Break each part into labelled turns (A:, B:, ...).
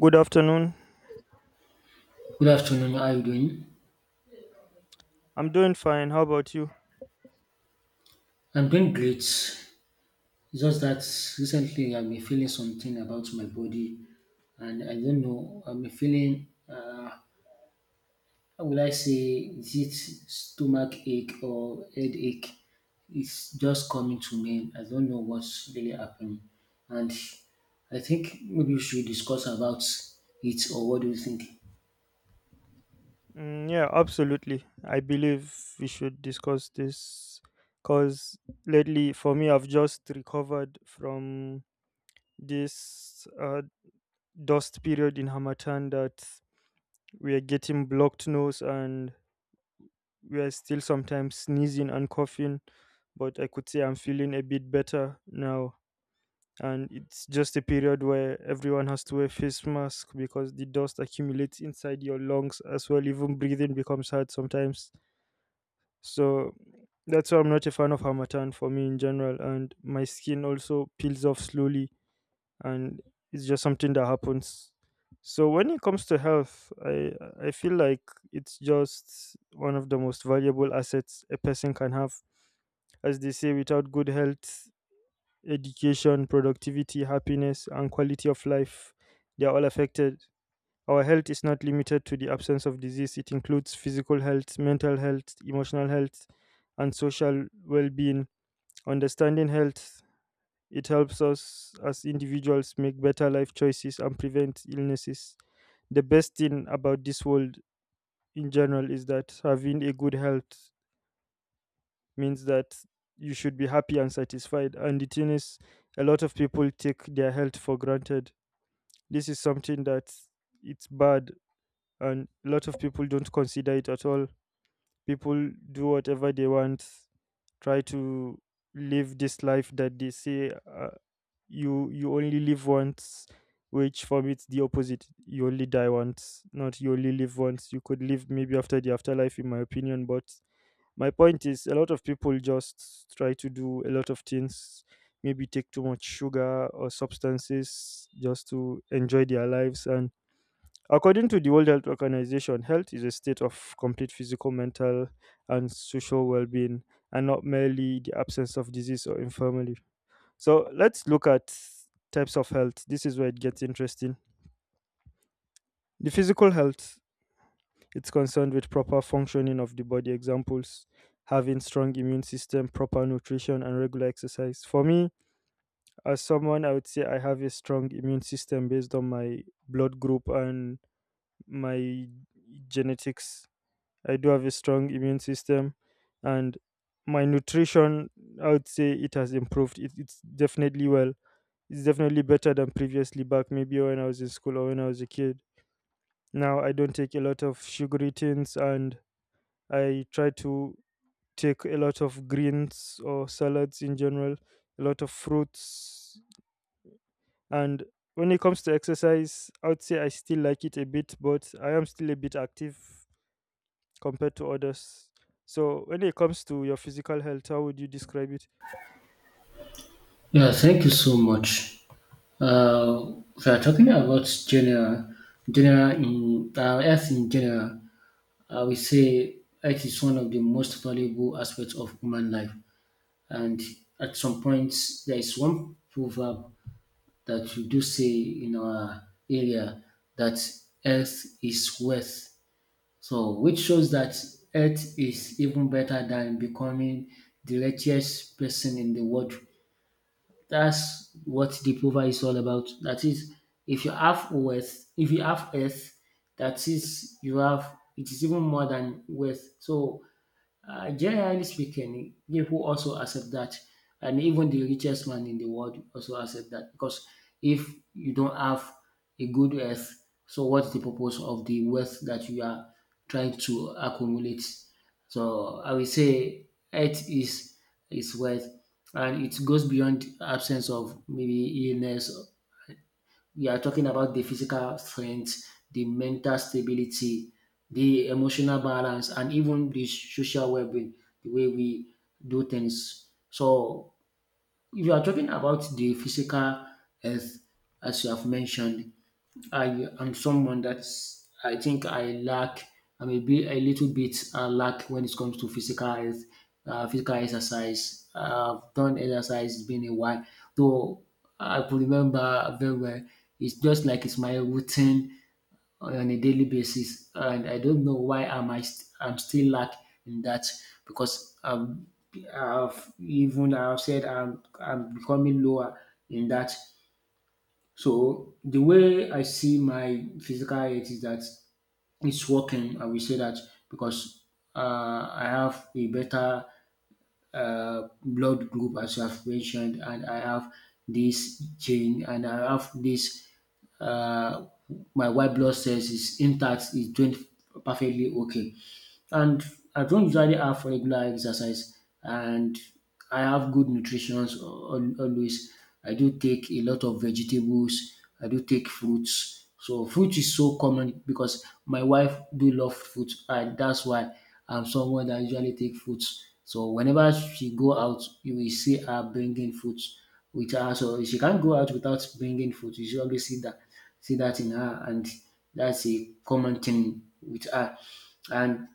A: Good afternoon.
B: Good afternoon. How are you doing?
A: I'm doing fine. How about you?
B: I'm doing great. It's just that recently I've been feeling something about my body, and I don't know. I've been feeling, how will I say, is it stomach ache or headache? It's just coming to me. I don't know what's really happening, and I think maybe we should discuss about it. Or what do you think?
A: Mm, yeah, absolutely. I believe we should discuss this because lately, for me, I've just recovered from this dust period in Hamatan that we are getting blocked nose, and we are still sometimes sneezing and coughing. But I could say I'm feeling a bit better now. And it's just a period where everyone has to wear face mask, because the dust accumulates inside your lungs as well. Even breathing becomes hard sometimes. So that's why I'm not a fan of harmattan. For me in general, and my skin also peels off slowly, and it's just something that happens. So when it comes to health, I feel like it's just one of the most valuable assets a person can have. As they say, without good health, education, productivity, happiness, and quality of life. They are all affected. Our health is not limited to the absence of disease. It includes physical health, mental health, emotional health, and social well being. Understanding health, it helps us as individuals make better life choices and prevent illnesses. The best thing about this world in general is that having a good health means that you should be happy and satisfied. And the thing is, a lot of people take their health for granted. This is something that it's bad, and a lot of people don't consider it at all. People do whatever they want, try to live this life that they say, you only live once, which for me it's the opposite. You only die once, not you only live once. You could live maybe after the afterlife, in my opinion. But my point is, a lot of people just try to do a lot of things, maybe take too much sugar or substances just to enjoy their lives. And according to the World Health Organization, health is a state of complete physical, mental, and social well being, and not merely the absence of disease or infirmity. So let's look at types of health. This is where it gets interesting. The physical health, it's concerned with proper functioning of the body. Examples: having strong immune system, proper nutrition, and regular exercise. For me, as someone, I would say I have a strong immune system based on my blood group and my genetics. I do have a strong immune system. And my nutrition, I would say it has improved. It's definitely well. It's definitely better than previously back maybe when I was in school or when I was a kid. Now I don't take a lot of sugary things, and I try to take a lot of greens or salads in general, a lot of fruits. And when it comes to exercise, I would say I still like it a bit, but I am still a bit active compared to others. So when it comes to your physical health, how would you describe it?
B: Yeah, thank you so much. Uh, we are talking about general in health in general. I would say health is one of the most valuable aspects of human life. And at some point, there is one proverb that we do say in our area that health is wealth. So, which shows that health is even better than becoming the richest person in the world. That's what the proverb is all about. That is, if you have wealth, if you have earth, that is, you have, it is even more than wealth. So generally speaking, people also accept that, and even the richest man in the world also accept that because if you don't have a good health, so what's the purpose of the wealth that you are trying to accumulate? So I will say health is wealth, and it goes beyond absence of maybe illness. We are talking about the physical strength, the mental stability, the emotional balance, and even the social well-being, the way we do things. So if you are talking about the physical health, as you have mentioned, I am someone that's I think I may be a little bit lack when it comes to physical health, physical exercise. I've done exercise it's been a while, though I could remember very well. It's just like it's my routine on a daily basis, and I don't know why I'm still lack in that because I've said I'm becoming lower in that. So the way I see my physical health is that it's working. I will say that because I have a better blood group, as you have mentioned, and I have this gene, and I have this. Uh, my white blood cells is intact, is doing perfectly okay. And I don't usually have regular exercise, and I have good always. I do take a lot of vegetables. I do take fruits. So fruit is so common because my wife do love fruit, and that's why I'm someone that usually take fruits. So whenever she go out, you will see her bringing fruits with her. So she can't go out without bringing fruit. You should always see that in her, and that's a common thing with her. And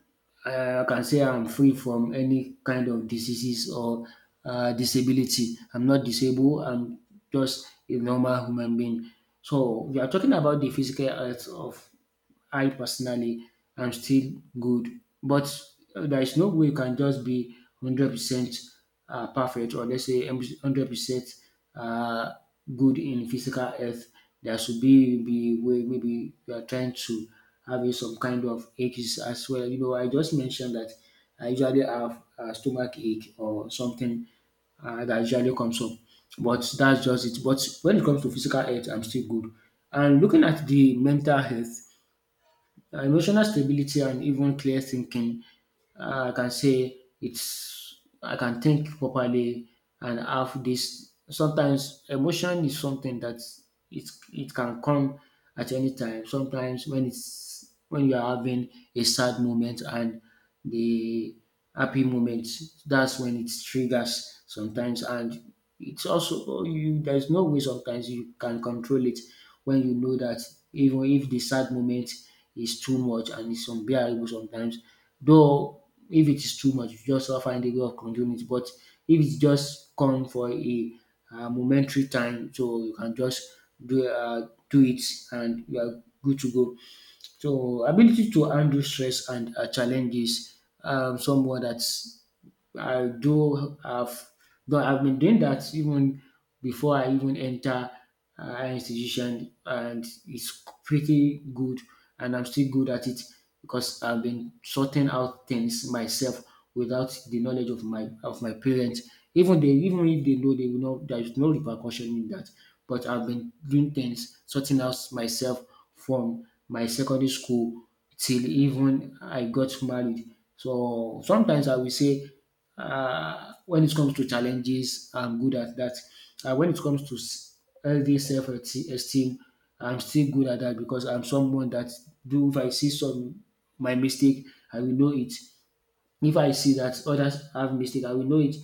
B: I can say I'm free from any kind of diseases or disability. I'm not disabled. I'm just a normal human being. So we are talking about the physical health of I personally am still good. But there is no way you can just be 100% perfect or let's say 100% uh, good in physical health. There should be way maybe you are trying to having some kind of aches as well. You know, I just mentioned that I usually have a stomach ache or something that usually comes up. But that's just it. But when it comes to physical health, I'm still good. And looking at the mental health, emotional stability and even clear thinking. I can say it's I can think properly and have this. Sometimes emotion is something that it can come at any time. Sometimes when it's when you are having a sad moment and the happy moments. That's when it triggers sometimes, and it's also oh, you. There's no way sometimes you can control it when you know that even if the sad moment is too much and it's unbearable sometimes. Though if it is too much, you just find a way of controlling it. But if it's just come for a momentary time, so you can just do it and you are good to go. So ability to handle stress and challenges, someone that's I do have, though I've been doing that even before I even enter higher institution and it's pretty good and I'm still good at it because I've been sorting out things myself without the knowledge of my parents. Even they even if they know they will not there is no repercussion in that. But I've been doing things, sorting out myself from my secondary school till even I got married. So sometimes I will say when it comes to challenges, I'm good at that. When it comes to healthy self-esteem, I'm still good at that because I'm someone that do if I see some my mistake, I will know it. If I see that others have mistake, I will know it.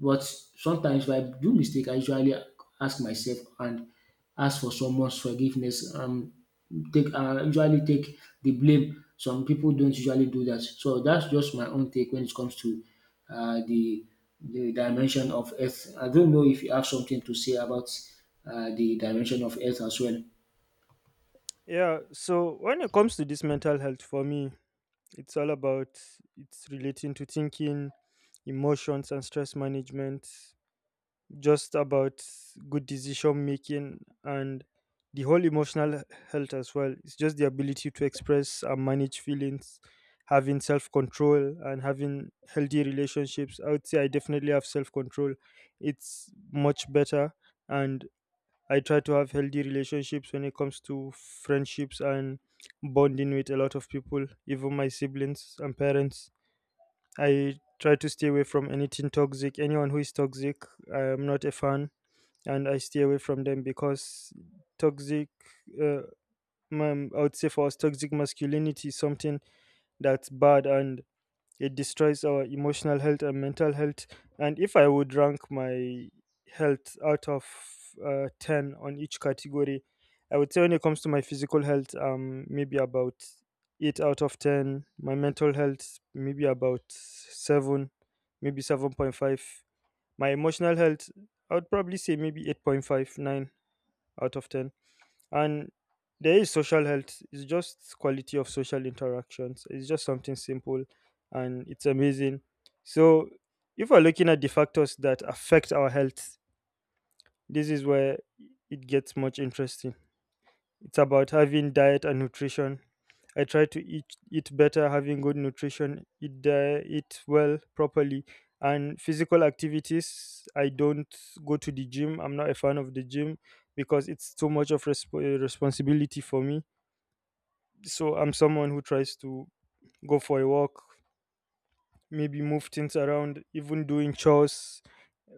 B: But sometimes if I do mistake, I usually ask myself and ask for someone's forgiveness. Take usually take the blame. Some people don't usually do that. So that's just my own take when it comes to uh, the the dimension of earth. I don't know if you have something to say about the dimension of earth as well.
A: Yeah, so when it comes to this mental health, for me, it's all about, it's relating to thinking, emotions, and stress management. Just about good decision making, and the whole emotional health as well. It's just the ability to express and manage feelings, having self control, and having healthy relationships. I would say I definitely have self control. It's much better, and I try to have healthy relationships when it comes to friendships and bonding with a lot of people, even my siblings and parents. I try to stay away from anything toxic. Anyone who is toxic, I'm not a fan, and I stay away from them because toxic, uh, I would say for us, toxic masculinity is something that's bad, and it destroys our emotional health and mental health. And if I would rank my health out of 10 on each category, I would say when it comes to my physical health, maybe about 8 out of 10, my mental health, maybe about 7, maybe 7.5. My emotional health, I would probably say maybe 8.5, nine out of 10. And there is social health. It's just quality of social interactions. It's just something simple, and it's amazing. So if we're looking at the factors that affect our health, this is where it gets much interesting. It's about having diet and nutrition. I try to eat better, having good nutrition, eat well properly. And physical activities, I don't go to the gym. I'm not a fan of the gym because it's too much of responsibility for me. So I'm someone who tries to go for a walk, maybe move things around, even doing chores.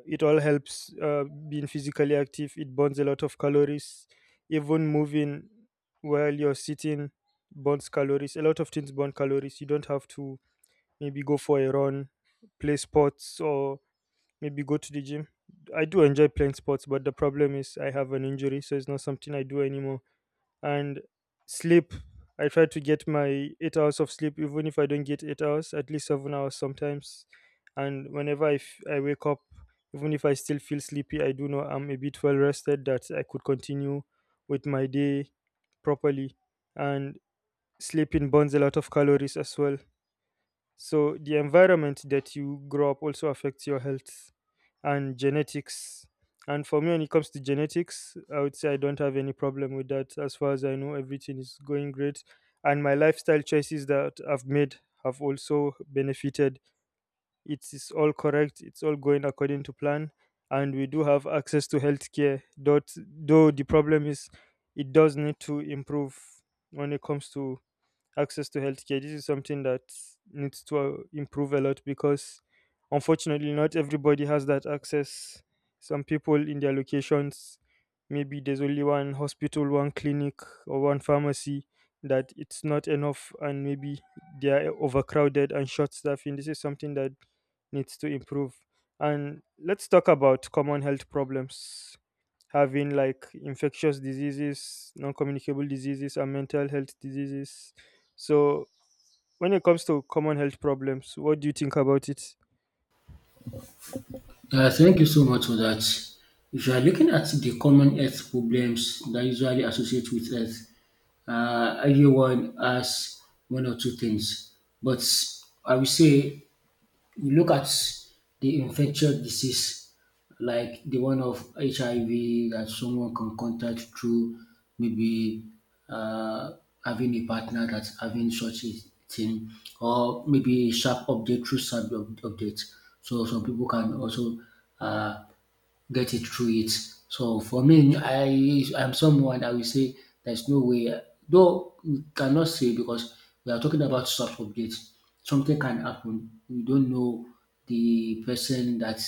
A: It all helps, being physically active, it burns a lot of calories. Even moving while you're sitting burns calories. A lot of things burn calories. You don't have to maybe go for a run, play sports, or maybe go to the gym. I do enjoy playing sports, but the problem is I have an injury, so it's not something I do anymore. And sleep, I try to get my 8 hours of sleep. Even if I don't get 8 hours, at least 7 hours sometimes. And whenever I wake up, even if I still feel sleepy, I do know I'm a bit well rested, that I could continue with my day properly. And sleeping burns a lot of calories as well. So the environment that you grow up also affects your health, and genetics. And for me, when it comes to genetics, I would say I don't have any problem with that. As far as I know, everything is going great. And my lifestyle choices that I've made have also benefited. It is all correct, it's all going according to plan. And we do have access to healthcare. That, though the problem is, it does need to improve when it comes to access to healthcare. This is something that needs to improve a lot, because unfortunately, not everybody has that access. Some people in their locations, maybe there's only one hospital, one clinic, or one pharmacy, that it's not enough, and maybe they are overcrowded and short staffing. This is something that needs to improve. And let's talk about common health problems, having like infectious diseases, non communicable diseases, and mental health diseases. So when it comes to common health problems, what do you think about it?
B: Yeah, thank you so much for that. If you are looking at the common health problems that usually associate with health, everyone has one or two things. But I will say you look at the infectious disease like the one of HIV that someone can contact through maybe uh, having a partner that's having such a thing, or maybe a sharp update through update. So some people can also uh, get it through it. So for me, I'm someone I will say there's no way, though we cannot say because we are talking about soft update. Something can happen. We don't know the person that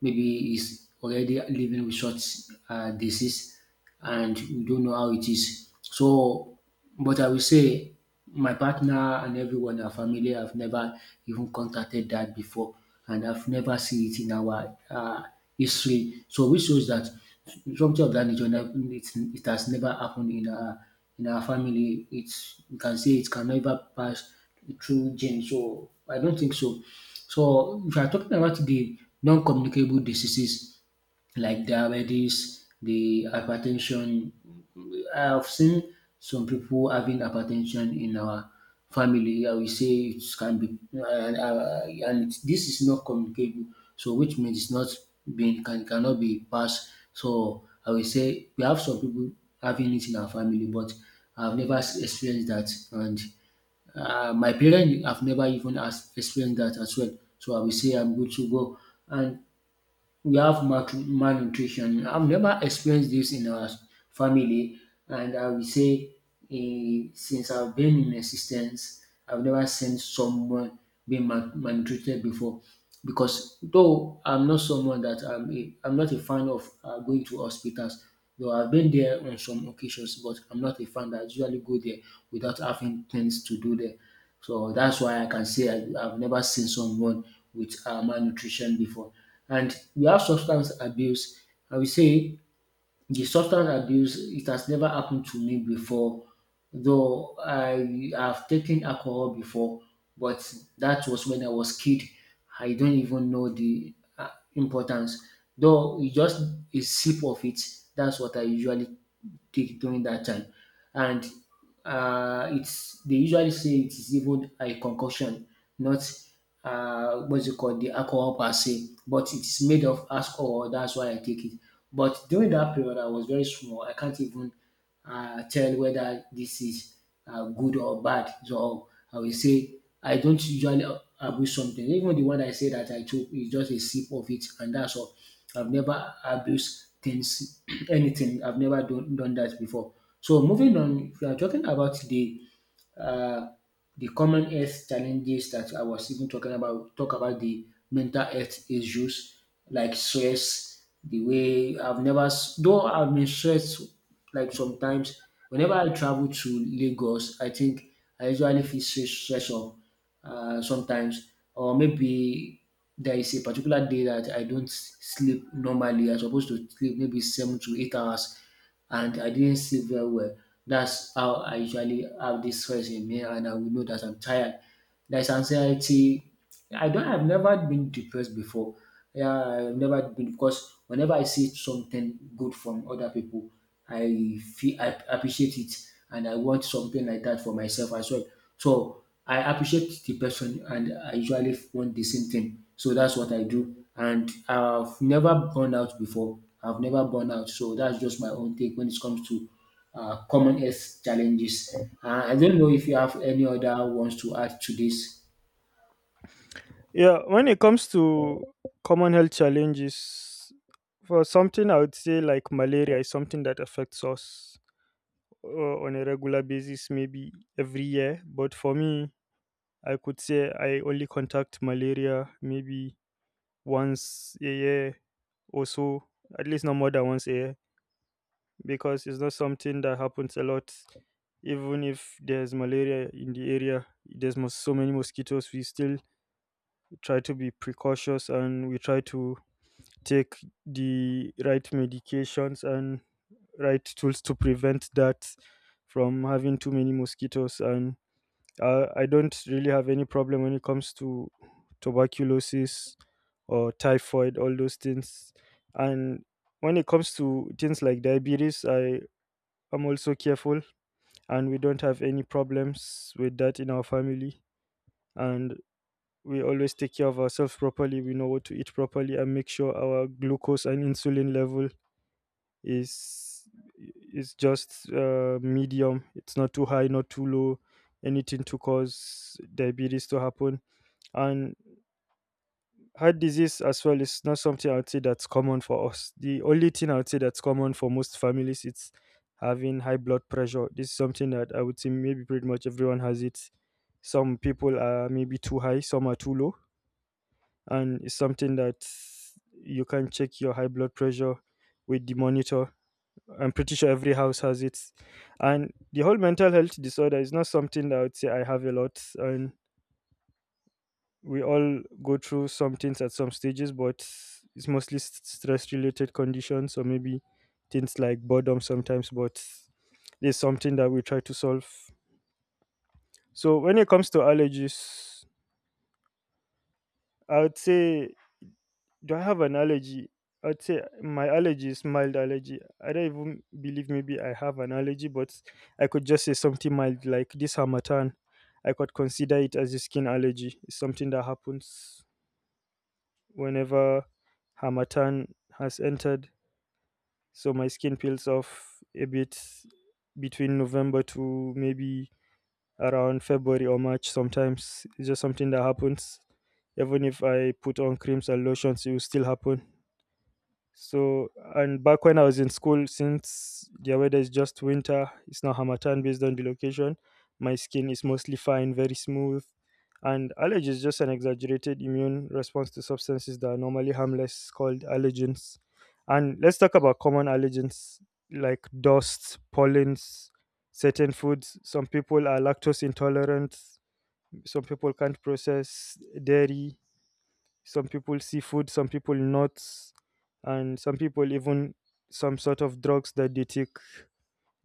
B: maybe is already living with short disease and you don't know how it is. So, but I will say my partner and everyone, in our family have never even contacted that before, and I've never seen it in our history. So, which shows that something of that nature, it has never happened in our family. It's you can say it can never pass through gene. So, I don't think so. So, if you are talking about the non-communicable diseases, like diabetes, the hypertension. I've seen some people having hypertension in our family. I will say it can be, and, this is not communicable. So which means it's not being can cannot be passed. So I will say we have some people having it in our family, but I've never experienced that, and my parents have never even experienced that as well. So I will say I'm good to go, and we have maltru malnutrition. I've never experienced this in our family, and I will say eh, since I've been in existence, I've never seen someone being malnutrited before. Because though I'm not someone that I'm not a fan of going to hospitals, though I've been there on some occasions, but I'm not a fan that I usually go there without having things to do there. So that's why I can say I've never seen someone with malnutrition before. And we have substance abuse. I will say the substance abuse, it has never happened to me before, though I have taken alcohol before, but that was when I was kid. I don't even know the importance. Though it's just a sip of it, that's what I usually take during that time. And it's they usually say it is even a concoction, not what's it called, the alcohol per se, but it's made of alcohol. That's why I take it. But during that period, I was very small. I can't even tell whether this is good or bad. So I will say I don't usually abuse something. Even the one I say that I took is just a sip of it, and that's all. I've never abused things, anything. I've never done that before. So moving on, if you are talking about the uh, common health challenges that I was even talk about the mental health issues like stress, the way I've never, though I've been stressed like sometimes, whenever I travel to Lagos, I think I usually feel stress, stress of sometimes, or maybe there is a particular day that I don't sleep normally. I'm supposed to sleep maybe 7 to 8 hours and I didn't sleep very well. That's how I usually have this stress in me, and I will know that I'm tired. There's anxiety. I don't. I've never been depressed before. Yeah, I've never been because whenever I see something good from other people, I feel I appreciate it and I want something like that for myself as well. So I appreciate the person and I usually want the same thing. So that's what I do. And I've never burned out before. I've never burned out. So that's just my own take when it comes to common health challenges. I don't know if you have any other ones to add to this.
A: Yeah, when it comes to common health challenges, for something I would say like malaria is something that affects us uh, on a regular basis, maybe every year. But for me, I could say I only contact malaria maybe once a year or so, at least not more than once a year, because it's not something that happens a lot. Even if there's malaria in the area, there's so many mosquitoes. We still try to be precautious, and we try to take the right medications and right tools to prevent that from having too many mosquitoes. And I don't really have any problem when it comes to tuberculosis or typhoid, all those things. And when it comes to things like diabetes, I'm also careful, and we don't have any problems with that in our family. And we always take care of ourselves properly. We know what to eat properly, and make sure our glucose and insulin level is is just medium. It's not too high, not too low, anything to cause diabetes to happen. And heart disease as well is not something I would say that's common for us. The only thing I would say that's common for most families, it's having high blood pressure. This is something that I would say maybe pretty much everyone has it. Some people are maybe too high, some are too low, and it's something that you can check your high blood pressure with the monitor. I'm pretty sure every house has it. And the whole mental health disorder is not something that I would say I have a lot. And we all go through some things at some stages, but it's mostly stress related conditions, or maybe things like boredom sometimes, but there's something that we try to solve. So when it comes to allergies, I would say, do I have an allergy? I would say my allergy is mild allergy. I don't even believe maybe I have an allergy, but I could just say something mild like this harmattan. I could consider it as a skin allergy. It's something that happens whenever Harmattan has entered. So my skin peels off a bit between November to maybe around February or March sometimes. It's just something that happens. Even if I put on creams and lotions, it will still happen. So, and back when I was in school, since the weather is just winter, it's now Hamatan based on the location. My skin is mostly fine, very smooth. And allergy is just an exaggerated immune response to substances that are normally harmless, called allergens. And let's talk about common allergens like dust, pollens, certain foods. Some people are lactose intolerant, some people can't process dairy, some people seafood, some people nuts, and some people even some sort of drugs that they take,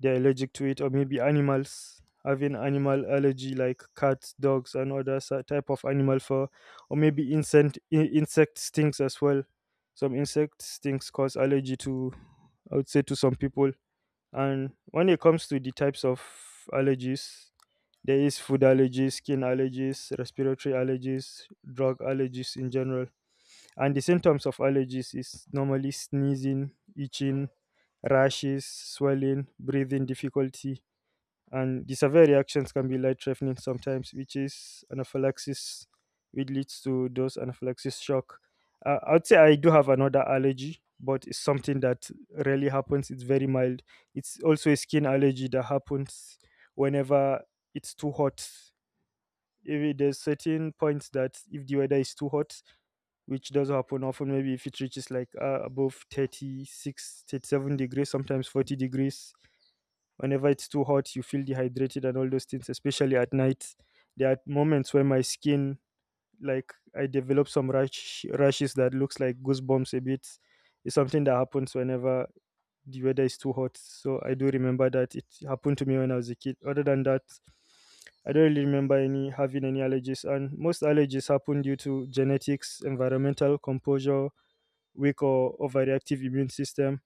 A: they're allergic to it. Or maybe animals, having animal allergy like cats, dogs, and other type of animal. For or maybe insect, insect stings as well. Some insect stings cause allergy to, I would say, to some people. And when it comes to the types of allergies, there is food allergies, skin allergies, respiratory allergies, drug allergies in general. And the symptoms of allergies is normally sneezing, itching, rashes, swelling, breathing difficulty, and the severe reactions can be life threatening sometimes, which is anaphylaxis, which leads to those anaphylaxis shock. I'd say I do have another allergy, but it's something that rarely happens. It's very mild. It's also a skin allergy that happens whenever it's too hot. If there's certain points that if the weather is too hot, which does happen often, maybe if it reaches like above 36, 37 degrees, sometimes 40 degrees. Whenever it's too hot, you feel dehydrated and all those things, especially at night, there are moments where my skin, like, I develop some rashes that looks like goosebumps a bit. It's something that happens whenever the weather is too hot, so I do remember that it happened to me when I was a kid. Other than that, I don't really remember any having any allergies, and most allergies happen due to genetics, environmental composure, weak or overreactive immune system.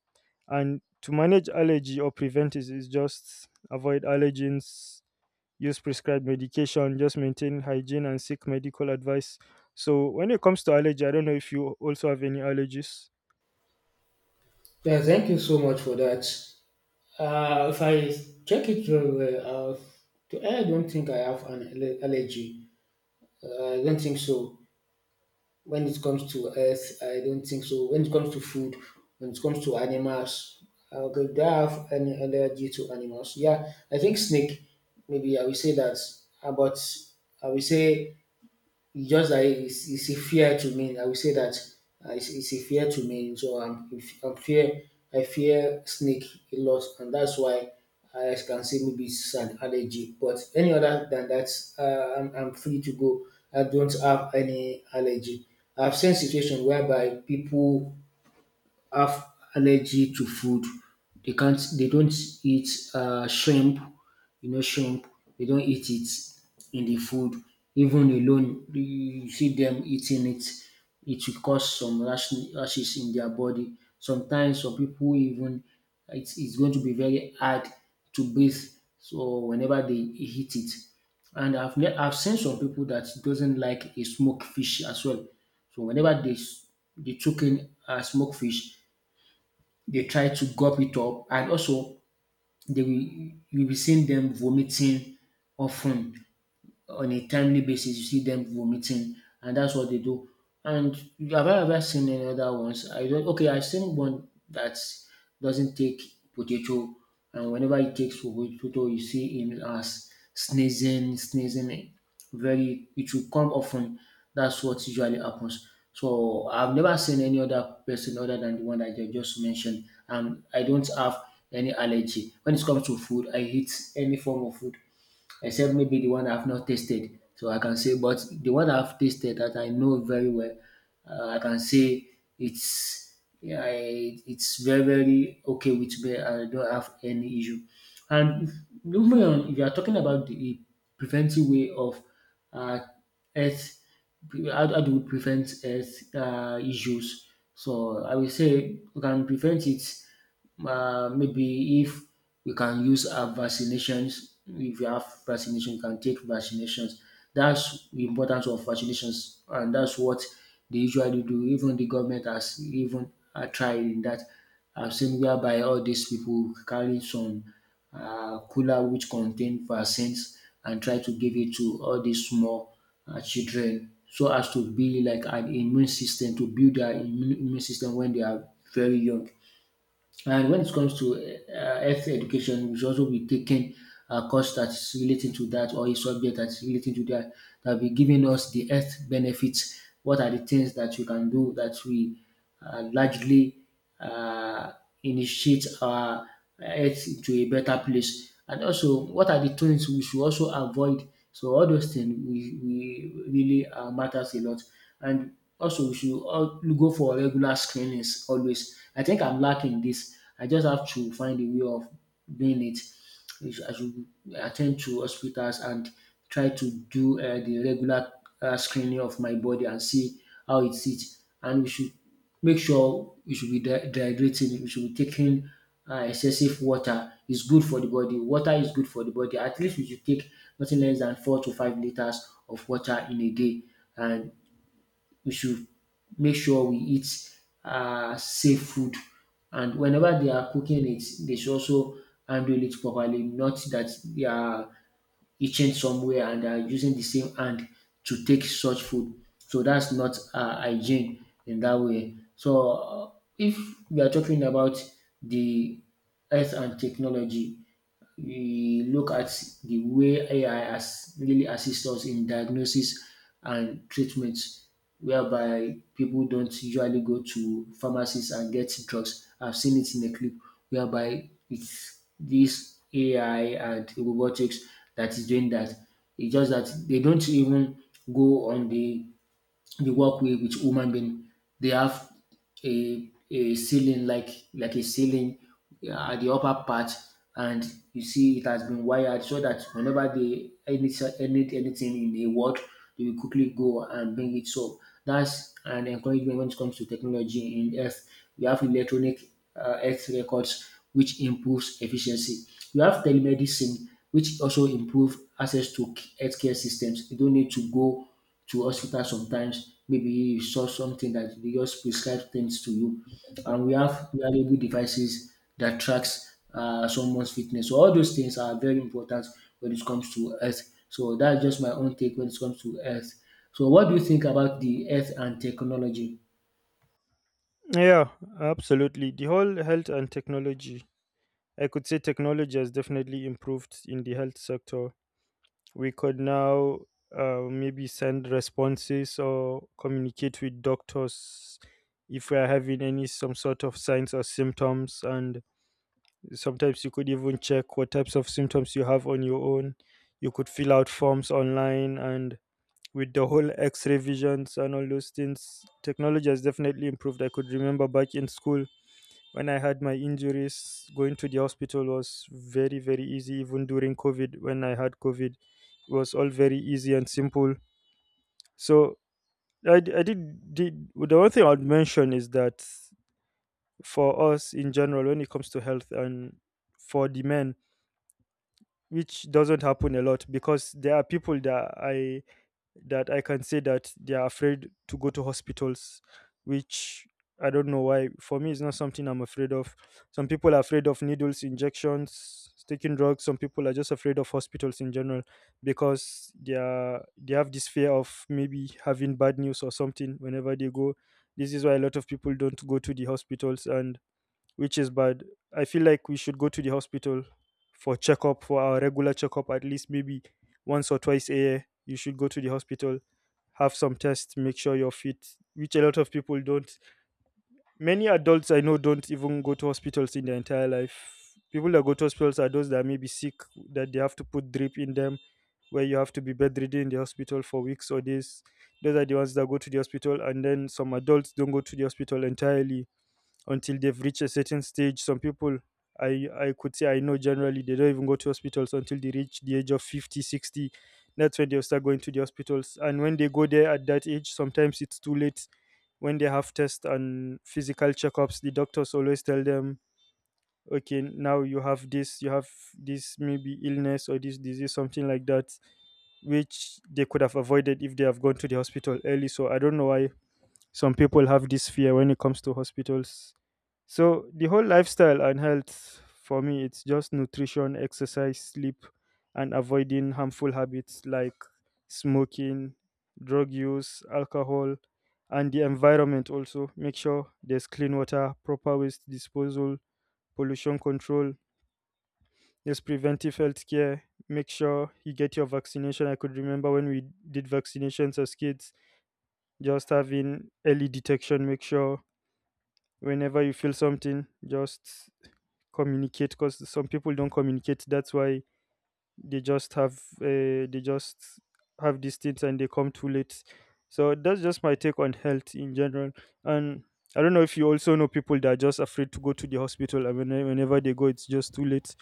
A: And to manage allergy or prevent it is just avoid allergens, use prescribed medication, just maintain hygiene, and seek medical advice. So when it comes to allergy, I don't know if you also have any allergies.
B: Yeah, thank you so much for that. If I check it very well, I don't think I have an allergy. I don't think so. When it comes to earth, I don't think so. When it comes to food, when it comes to animals, okay, do I have any allergy to animals? Yeah, I think snake. Maybe I will say that. About I will say it's just that it's a fear to me. I will say that it's a fear to me. So I'm fear I fear snake a lot, and that's why I can say maybe it's an allergy. But any other than that, I'm free to go. I don't have any allergy. I've seen situation whereby people have allergy to food. They can't. They don't eat shrimp. You know, shrimp. They don't eat it in the food. Even alone, you see them eating it. It will cause some rashes in their body. Sometimes some people even it's going to be very hard to breathe. So whenever they eat it, and I've seen some people that doesn't like a smoked fish as well. So whenever they took in a smoked fish, they try to gulp it up and also they will you will be seeing them vomiting often on a timely basis, you see them vomiting, and that's what they do. And have I ever seen any other ones? I don't. Okay, I've seen one that doesn't take potato, and whenever he takes potato, you see him as sneezing. Very, it will come often. That's what usually happens. So I've never seen any other person other than the one that I just mentioned, and I don't have any allergy when it comes to food. I eat any form of food except maybe the one I've not tasted. So I can say, but the one I've tasted that I know very well, I can say it's yeah, it's very very okay with me. I don't have any issue. And moving on, if you are talking about the preventive way of uh, health, how do we prevent health issues? So I will say we can prevent it maybe if we can use our vaccinations, if you have vaccination, you can take vaccinations. That's the importance of vaccinations, and that's what they usually do. Even the government has even tried in that. I've seen whereby all these people carry some cooler which contain vaccines and try to give it to all these small children so as to be like an immune system to build their immune system when they are very young. And when it comes to health education, we should also be taking a course that is relating to that or a subject that is relating to that that will be giving us the health benefits. What are the things that you can do that we largely uh, initiate our health to a better place? And also, what are the things we should also avoid, so all those things we really matters a lot. And also we should all go for regular screenings always. I think I'm lacking this. I just have to find a way of doing it. I should attend to hospitals and try to do the regular screening of my body and see how it sits. And we should make sure you should be dehydrating, you should be taking excessive water. It's good for the body. Water is good for the body. At least we should take nothing less than 4 to 5 liters of water in a day. And we should make sure we eat safe food. And whenever they are cooking it, they should also handle it properly, not that they are itching somewhere and are using the same hand to take such food. So that's not hygiene in that way. So if we are talking about the health and technology, we look at the way AI has really assists us in diagnosis and treatment, whereby people don't usually go to pharmacies and get drugs. I've seen it in a clip whereby it's this AI and robotics that is doing that. It's just that they don't even go on the work with human being. They have a ceiling, like a ceiling, yeah, at the upper part, and you see it has been wired so that whenever they any anything in a world, they will quickly go and bring it. So that's an encouragement when it comes to technology in health. We have electronic health records which improves efficiency. We have telemedicine which also improve access to healthcare systems. You don't need to go to hospital sometimes. Maybe you saw something that they just prescribe things to you. And we have wearable devices that tracks someone's fitness. So all those things are very important when it comes to health. So that's just my own take when it comes to health. So what do you think about the health and technology?
A: Yeah, absolutely. The whole health and technology, I could say technology has definitely improved in the health sector. We could now maybe send responses or communicate with doctors if we are having any some sort of signs or symptoms. And sometimes you could even check what types of symptoms you have on your own. You could fill out forms online, and with the whole x-ray visions and all those things, technology has definitely improved. I could remember back in school when I had my injuries, going to the hospital was very, very easy. Even during COVID, when I had COVID, it was all very easy and simple. So I did. The one thing I'd mention is that for us in general, when it comes to health and for the men, which doesn't happen a lot, because there are people that I can say that they are afraid to go to hospitals, which I don't know why. For me, it's not something I'm afraid of. Some people are afraid of needles, injections, taking drugs. Some people are just afraid of hospitals in general because they have this fear of maybe having bad news or something whenever they go. This is why a lot of people don't go to the hospitals, and which is bad. I feel like we should go to the hospital for checkup, for our regular checkup, at least maybe once or twice a year. You should go to the hospital, have some tests, make sure you're fit, which a lot of people don't. Many adults I know don't even go to hospitals in their entire life. People that go to hospitals are those that may be sick, that they have to put drip in them, where you have to be bedridden in the hospital for weeks or days. Those are the ones that go to the hospital, and then some adults don't go to the hospital entirely until they've reached a certain stage. Some people I could say I know generally they don't even go to hospitals until they reach the age of 50, 60. That's when they start going to the hospitals. And when they go there at that age, sometimes it's too late. When they have tests and physical checkups, the doctors always tell them, okay, now you have this maybe illness or this disease, something like that, which they could have avoided if they have gone to the hospital early. So I don't know why some people have this fear when it comes to hospitals. So the whole lifestyle and health for me, it's just nutrition, exercise, sleep, and avoiding harmful habits like smoking, drug use, alcohol, and the environment also. Make sure there's clean water, proper waste disposal, pollution control, there's preventive health care. Make sure you get your vaccination. I could remember when we did vaccinations as kids, just having early detection. Make sure whenever you feel something, just communicate, because some people don't communicate. That's why they just have they just have these things and they come too late. So that's just my take on health in general. And I don't know if you also know people that are just afraid to go to the hospital, and whenever they go, it's just too late.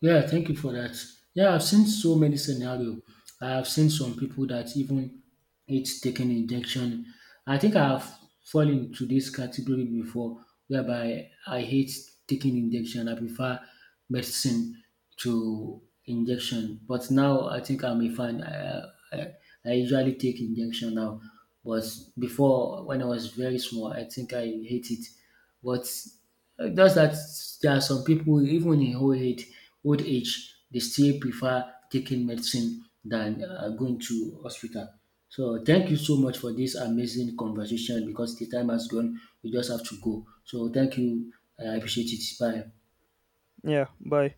B: Yeah, thank you for that. Yeah, I've seen so many scenario. I've seen some people that even it's taking injection. I think I've fallen into this category before, whereby I hate taking injection. I prefer medicine to injection. But now I think I'm a fan. I, I usually take injection now, but before when I was very small, I think I hate it. But just that there are some people even in old age they still prefer taking medicine than going to hospital. So thank you so much for this amazing conversation because the time has gone. We just have to go. So thank you. I appreciate it. Bye.
A: Yeah, bye.